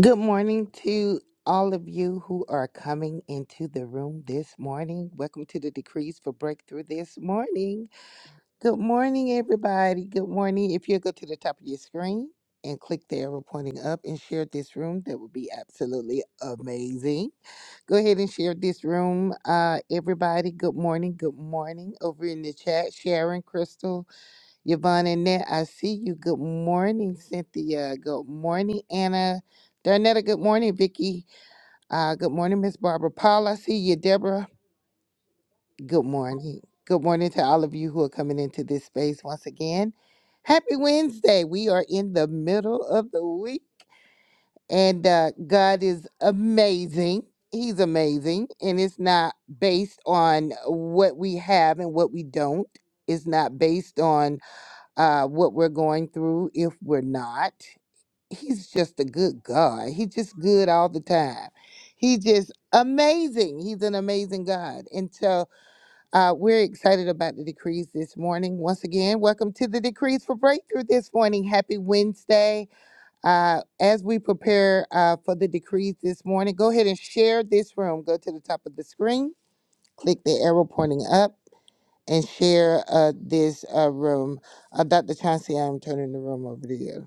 Good morning to all of you who are coming into the room this morning. Welcome to the Decrees for Breakthrough this morning. Good morning, everybody. Good morning. If you go to the top of your screen and click the arrow pointing up and share this room, that would be absolutely amazing. Go ahead and share this room, uh, everybody. Good morning. Good morning. Over in the chat, Sharon, Crystal. Yvonne and Annette, I see you. Good morning, Cynthia. Good morning, Anna. Darnetta, good morning, Vicky. Uh, good morning, Miss Barbara. Paul, I see you. Deborah, good morning. Good morning to all of you who are coming into this space once again. Happy Wednesday. We are in the middle of the week, and uh, God is amazing. He's amazing, and it's not based on what we have and what we don't. It's not based on uh, what we're going through if we're not. He's just a good God. He's just good all the time. He's just amazing. He's an amazing God. And so uh, we're excited about the decrees this morning. Once again, welcome to the Decrees for Breakthrough this morning. Happy Wednesday. Uh, as we prepare uh, for the decrees this morning, go ahead and share this room. Go to the top of the screen, click the arrow pointing up and share uh, this uh, room. Uh, Dr. Chauncey, I'm turning the room over to you.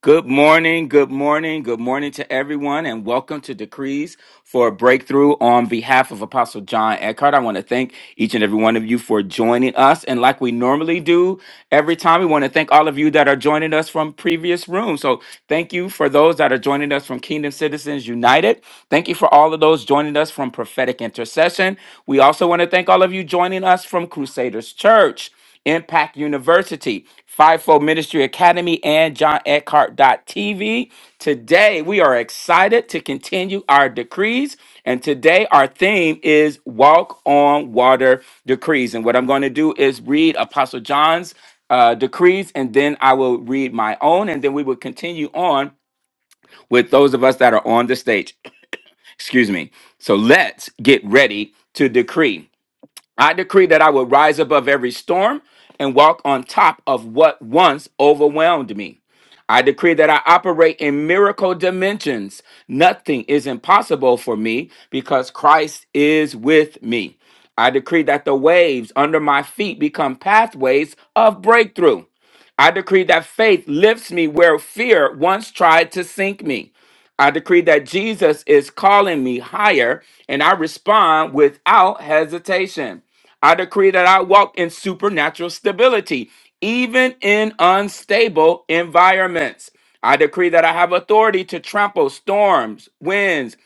Good morning, good morning, good morning to everyone, and welcome to Decrees for a Breakthrough on behalf of Apostle John Eckhart. I want to thank each and every one of you for joining us. And like we normally do every time, we want to thank all of you that are joining us from previous rooms. So thank you for those that are joining us from Kingdom Citizens United. Thank you for all of those joining us from Prophetic Intercession. We also want to thank all of you joining us from Crusaders Church. Impact University, Fivefold Ministry Academy, and John Eckhart TV. Today, we are excited to continue our decrees. And today, our theme is Walk on Water Decrees. And what I'm going to do is read Apostle John's uh, decrees, and then I will read my own, and then we will continue on with those of us that are on the stage. Excuse me. So let's get ready to decree. I decree that I will rise above every storm and walk on top of what once overwhelmed me. I decree that I operate in miracle dimensions. Nothing is impossible for me because Christ is with me. I decree that the waves under my feet become pathways of breakthrough. I decree that faith lifts me where fear once tried to sink me. I decree that Jesus is calling me higher and I respond without hesitation. I decree that I walk in supernatural stability, even in unstable environments. I decree that I have authority to trample storms, winds,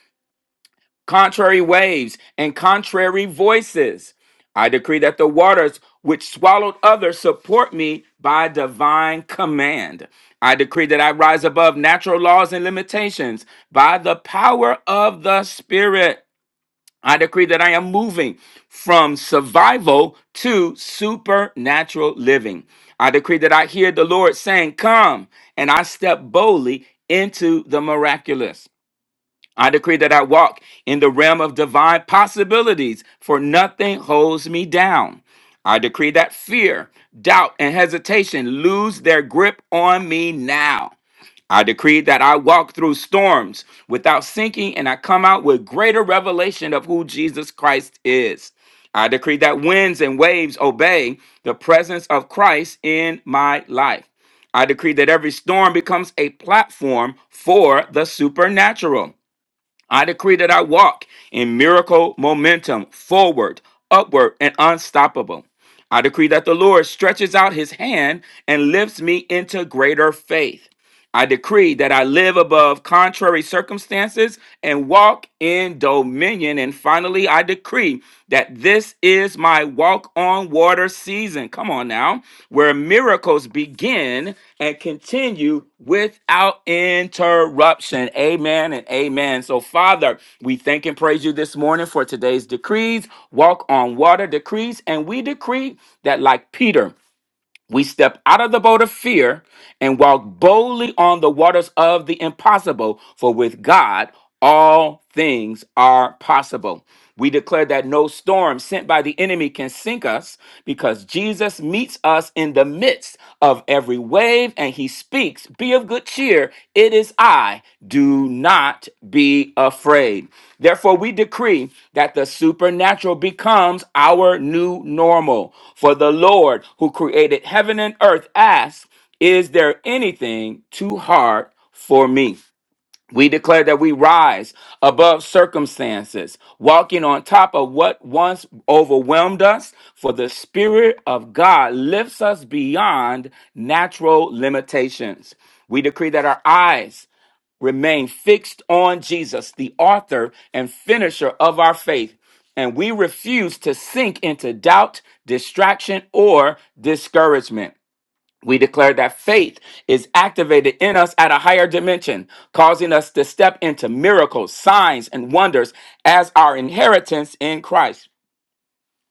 contrary waves, and contrary voices. I decree that the waters which swallowed others support me by divine command. I decree that I rise above natural laws and limitations by the power of the Spirit. I decree that I am moving from survival to supernatural living. I decree that I hear the Lord saying, Come, and I step boldly into the miraculous. I decree that I walk in the realm of divine possibilities, for nothing holds me down. I decree that fear, doubt, and hesitation lose their grip on me now. I decree that I walk through storms without sinking and I come out with greater revelation of who Jesus Christ is. I decree that winds and waves obey the presence of Christ in my life. I decree that every storm becomes a platform for the supernatural. I decree that I walk in miracle momentum forward, upward, and unstoppable. I decree that the Lord stretches out his hand and lifts me into greater faith. I decree that I live above contrary circumstances and walk in dominion. And finally, I decree that this is my walk on water season. Come on now, where miracles begin and continue without interruption. Amen and amen. So, Father, we thank and praise you this morning for today's decrees, walk on water decrees, and we decree that, like Peter, we step out of the boat of fear and walk boldly on the waters of the impossible, for with God, all things are possible. We declare that no storm sent by the enemy can sink us because Jesus meets us in the midst of every wave and he speaks speaks, be of good cheer. It is I. Do not be afraid. Therefore, we decree that the supernatural becomes our new normal. For the Lord who created heaven and earth asks, Is there anything too hard for me? We declare that we rise above circumstances, walking on top of what once overwhelmed us, for the Spirit of God lifts us beyond natural limitations. We decree that our eyes remain fixed on Jesus, the author and finisher of our faith, and we refuse to sink into doubt, distraction, or discouragement. We declare that faith is activated in us at a higher dimension, causing us to step into miracles, signs, and wonders as our inheritance in Christ.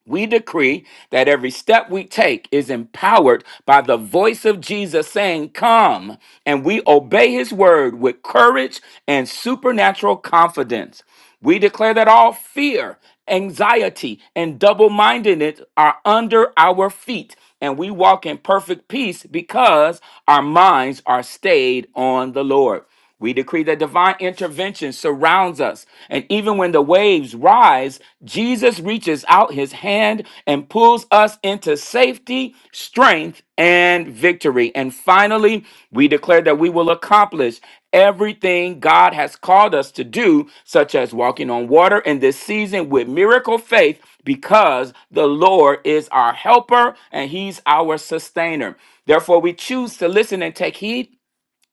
We decree that every step we take is empowered by the voice of Jesus saying, Come, and we obey his word with courage and supernatural confidence. We declare that all fear, anxiety, and double mindedness are under our feet, and we walk in perfect peace because our minds are stayed on the Lord. We decree that divine intervention surrounds us. And even when the waves rise, Jesus reaches out his hand and pulls us into safety, strength, and victory. And finally, we declare that we will accomplish everything God has called us to do, such as walking on water in this season with miracle faith, because the Lord is our helper and he's our sustainer. Therefore, we choose to listen and take heed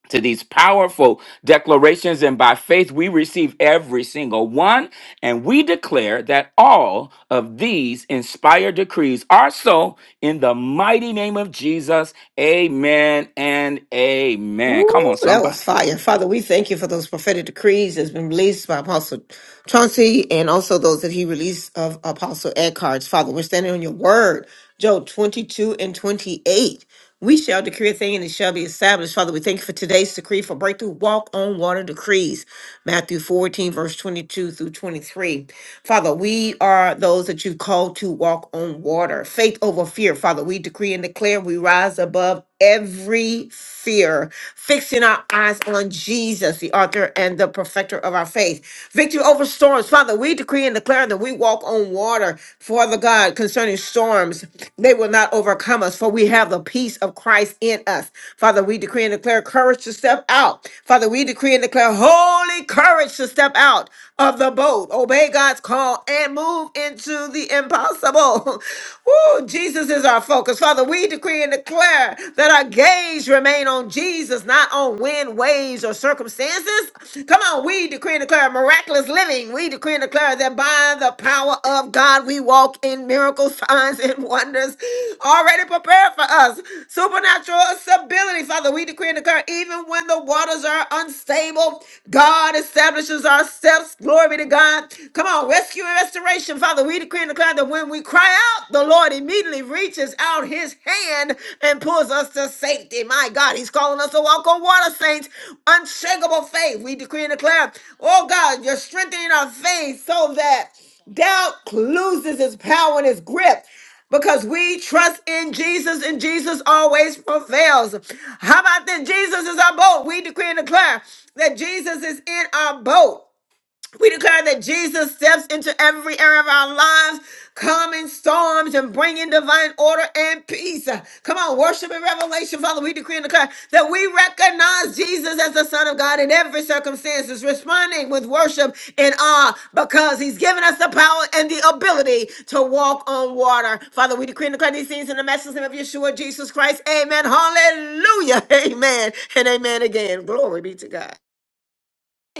to these powerful declarations, and by faith we receive every single one. And we declare that all of these inspired decrees are so in the mighty name of Jesus. Amen and amen. Come on, Ooh, that was somebody. fire. Father, we thank you for those prophetic decrees that's been released by Apostle Chauncey and also those that he released of Apostle Eckhart's. Father, we're standing on your word, Job 22 and 28. We shall decree a thing and it shall be established. Father, we thank you for today's decree for breakthrough walk on water decrees, Matthew 14, verse 22 through 23. Father, we are those that you've called to walk on water. Faith over fear. Father, we decree and declare we rise rise above every fear, fixing our eyes on Jesus, the author and the perfecter of our faith. Victory over storms. Father, we decree and declare that we walk on water, Father God, concerning storms. They will not overcome us, for we have the peace of Christ in us. Father, we decree and declare courage to step out. Father, we decree and declare holy courage to step out of the bold. Obey God's call and move into the impossible. Woo, Jesus is our focus. Father, we decree and declare that our gaze remain on Jesus, not on wind, waves, or circumstances. Come on, we decree and declare miraculous living. We decree and declare that by the power of God, we walk in miracles, signs, and wonders already prepared for us. Supernatural stability, Father, we decree and declare even when the waters are unstable, God establishes our steps. Glory to God. Come on, rescue and restoration. Father, we decree and declare that when we cry out, the Lord immediately reaches out his hand and pulls us to safety. My God, he's calling us to walk on water, saints. Unshakable faith. We decree and declare, oh God, you're strengthening our faith so that doubt loses its power and its grip because we trust in Jesus and Jesus always prevails. How about that? Jesus is our boat. We decree and declare that Jesus is in our boat. We declare that Jesus steps into every area of our lives, calming storms and bringing divine order and peace. Come on, worship and revelation, Father. We decree and declare that we recognize Jesus as the Son of God in every circumstance, is responding with worship and awe because He's given us the power and the ability to walk on water. Father, we decree and declare these things in the message name of Yeshua, Jesus Christ. Amen. Hallelujah. Amen. And amen again. Glory be to God.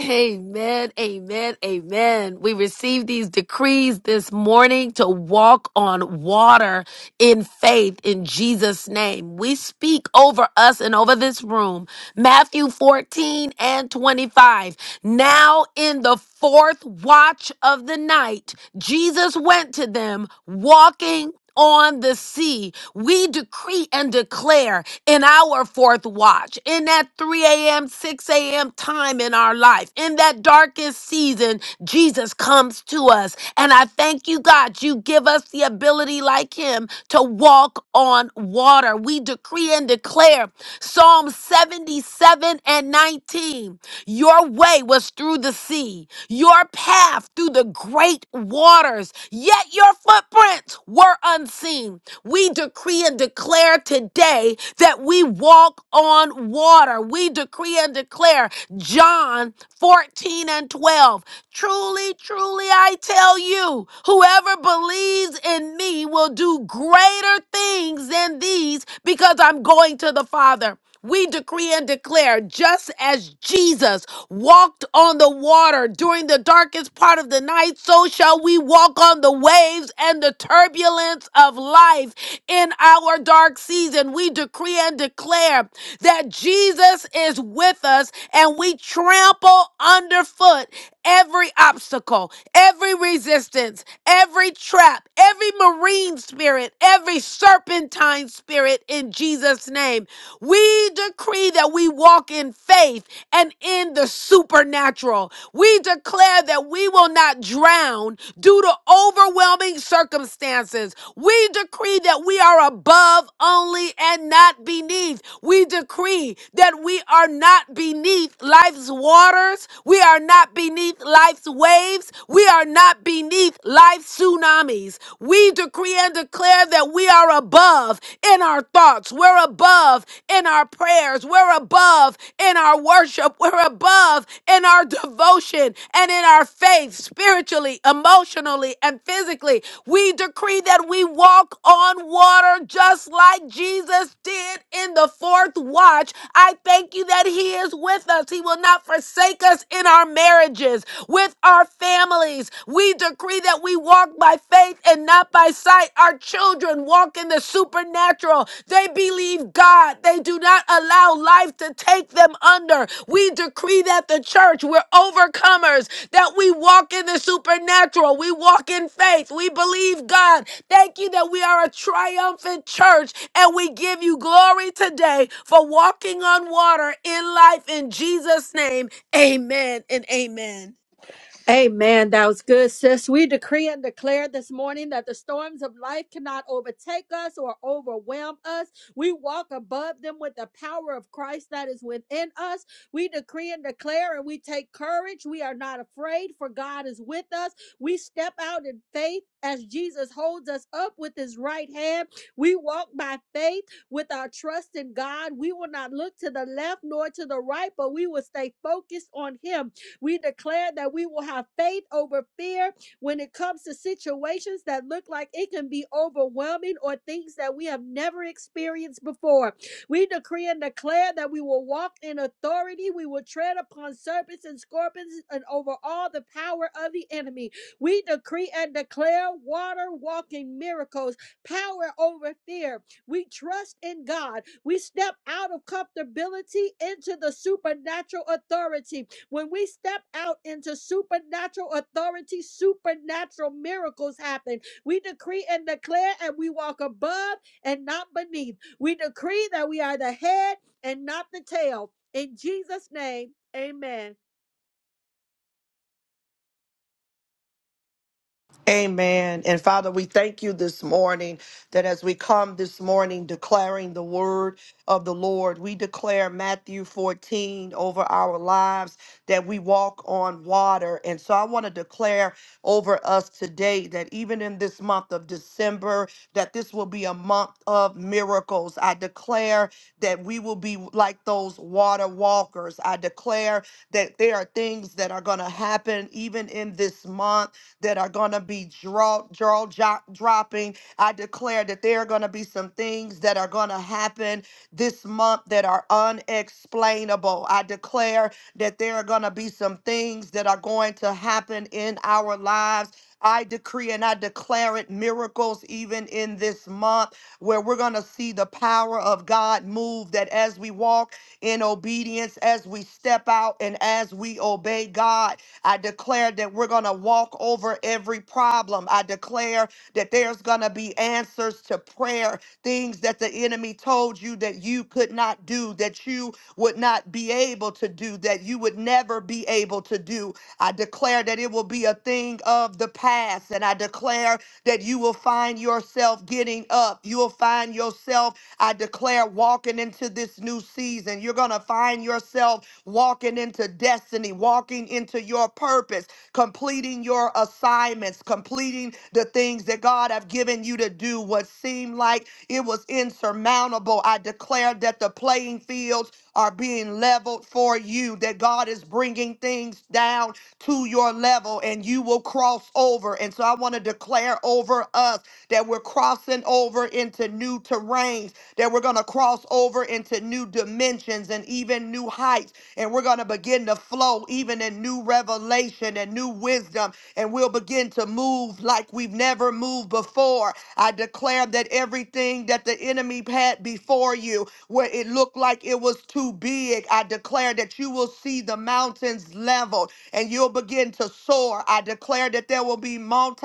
Amen, amen, amen. We receive these decrees this morning to walk on water in faith in Jesus' name. We speak over us and over this room. Matthew 14 and 25. Now, in the fourth watch of the night, Jesus went to them walking on the sea. We decree and declare in our fourth watch, in that 3 a.m., 6 a.m. time in our life, in that darkest season, Jesus comes to us. And I thank you, God, you give us the ability like him to walk on water. We decree and declare Psalm 77 and 19. Your way was through the sea, your path through the great waters, yet your footprints were unseen. We decree and declare today that we walk on water. We decree and declare John 14 and 12. Truly, truly, I tell you, whoever believes in me will do greater things than these because I'm going to the Father. We decree and declare just as Jesus walked on the water during the darkest part of the night, so shall we walk on the waves and the turbulence of life in our dark season. We decree and declare that Jesus is with us and we trample underfoot every obstacle, every resistance, every trap, every marine spirit, every serpentine spirit in Jesus' name. We decree that we walk in faith and in the supernatural. We declare that we will not drown due to overwhelming circumstances. We decree that we are above only and not beneath. We decree that we are not beneath life's waters. We are not beneath life's waves. We are not beneath life's tsunamis. We decree and declare that we are above in our thoughts. We're above in our prayers. We're above in our worship. We're above in our devotion and in our faith, spiritually, emotionally, and physically. We decree that we walk on water just like Jesus. Jesus did in the fourth watch. I thank you that He is with us. He will not forsake us in our marriages, with our families. We decree that we walk by faith and not by sight. Our children walk in the supernatural. They believe God. They do not allow life to take them under. We decree that the church, we're overcomers, that we walk in the supernatural. We walk in faith. We believe God. Thank you that we are a triumphant church and we give you glory today for walking on water in life in Jesus' name. Amen and amen. Amen. That was good, sis. We decree and declare this morning that the storms of life cannot overtake us or overwhelm us. We walk above them with the power of Christ that is within us. We decree and declare and we take courage. We are not afraid, for God is with us. We step out in faith as Jesus holds us up with his right hand. We walk by faith with our trust in God. We will not look to the left nor to the right, but we will stay focused on him we declare that we will have faith over fear when it comes to situations that look like it can be overwhelming or things that we have never experienced before. We decree and declare that we will walk in authority. We will tread upon serpents and scorpions and over all the power of the enemy. We decree and declare water walking miracles, power over fear. We trust in God. We step out of comfortability into the supernatural authority when we step out into supernatural authority, supernatural miracles happen. We decree and declare, and we walk above and not beneath. We decree that we are the head and not the tail. In Jesus' name, amen. Amen. And Father, we thank you this morning that as we come this morning declaring the word of the Lord, we declare Matthew 14 over our lives that we walk on water. And so I want to declare over us today that even in this month of December, that this will be a month of miracles. I declare that we will be like those water walkers. I declare that there are things that are going to happen even in this month that are going to be draw, draw jo- dropping. I declare that there are going to be some things that are going to happen this month that are unexplainable. I declare that there are going to be some things that are going to happen in our lives. I decree and I declare it miracles even in this month where we're going to see the power of God move. That as we walk in obedience, as we step out and as we obey God, I declare that we're going to walk over every problem. I declare that there's going to be answers to prayer, things that the enemy told you that you could not do, that you would not be able to do, that you would never be able to do. I declare that it will be a thing of the past. And I declare that you will find yourself getting up. You will find yourself, I declare, walking into this new season. You're going to find yourself walking into destiny, walking into your purpose, completing your assignments, completing the things that God have given you to do. What seemed like it was insurmountable, I declare that the playing fields are being leveled for you, that God is bringing things down to your level and you will cross over. And so I want to declare over us that we're crossing over into new terrains, that we're going to cross over into new dimensions and even new heights and we're going to begin to flow even in new revelation and new wisdom, and we'll begin to move like we've never moved before. I declare that everything that the enemy had before you, where it looked like it was too big, I declare that you will see the mountains leveled and you'll begin to soar. I declare that there will be multi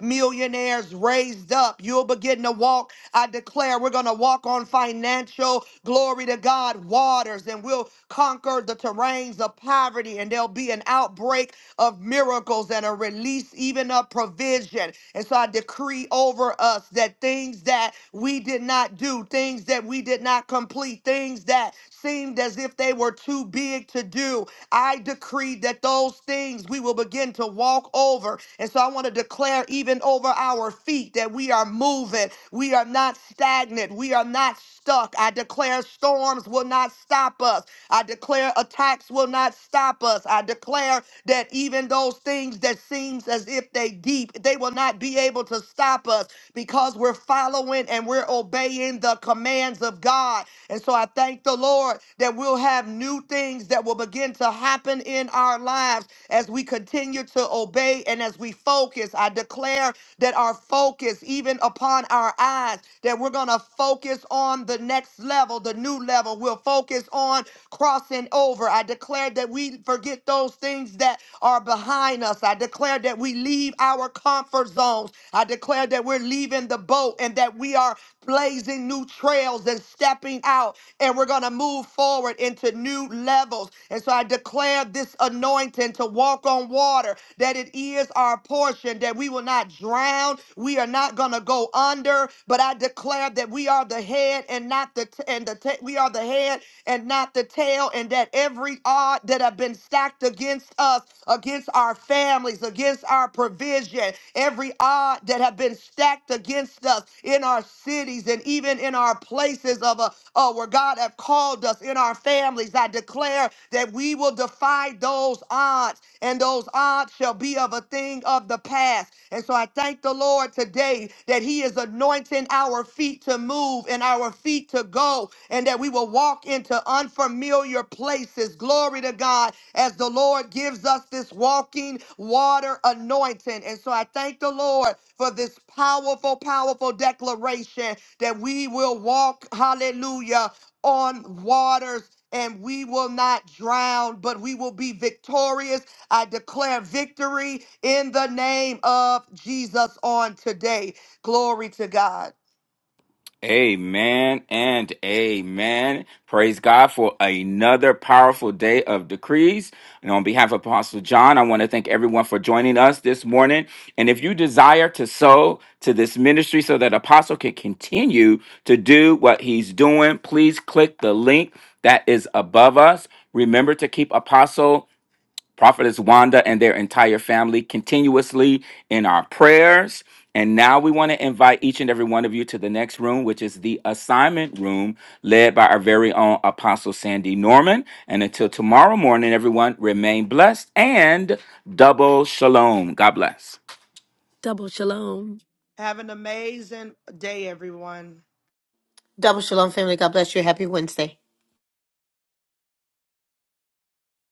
millionaires raised up. You'll begin to walk I declare we're going to walk on financial glory to God waters and we'll conquer the terrains of poverty and there'll be an outbreak of miracles and a release even of provision. And so I decree over us that things that we did not do, things that we did not complete, things that seemed as if they were too big to do, I decree that those things we will begin to walk over. And so I want to declare, even over our feet, that we are moving. We are not stagnant. We are not stuck. I declare storms will not stop us. I declare attacks will not stop us. I declare that even those things that seems as if they deep, they will not be able to stop us because we're following and we're obeying the commands of God. And so I thank the Lord that we'll have new things that will begin to happen in our lives as we continue to obey and as we focus. I declare that are focused even upon our eyes, that we're going to focus on the next level, the new level. We'll focus on crossing over. I declare that we forget those things that are behind us. I declare that we leave our comfort zones. I declare that we're leaving the boat and that we are blazing new trails and stepping out and we're going to move forward into new levels. And so I declare this anointing to walk on water water, that it is our portion, that we will not drown. We are not going to go under, but I declare that we are the head and not the, t- and the, ta- we are the head and not the tail, and that every odd that have been stacked against us, against our families, against our provision, every odd that have been stacked against us in our cities and even in our places of a uh, where God have called us in our families, I declare that we will defy those odds, and those odds shall be of a thing of the past. And so I thank the Lord today that He is anointing our feet to move and our feet to go, and that we will walk into unfamiliar places. Glory to God as the Lord gives us this walking water anointing. And so I thank the Lord for this powerful, powerful declaration that we will walk, hallelujah, on waters and we will not drown, but we will be victorious. I declare victory in the name of Jesus on today. Glory to God. Amen and amen. Praise God for another powerful day of decrees. And on behalf of Apostle John, I want to thank everyone for joining us this morning. And if you desire to sow to this ministry so that Apostle can continue to do what he's doing, please click the link that is above us. Remember to keep Apostle Prophetess Wanda and their entire family continuously in our prayers. And now we want to invite each and every one of you to the next room, which is the assignment room led by our very own Apostle Sandy Norman. And until tomorrow morning, everyone, remain blessed and double shalom. God bless. Double shalom. Have an amazing day, everyone. Double shalom, family. God bless you. Happy Wednesday.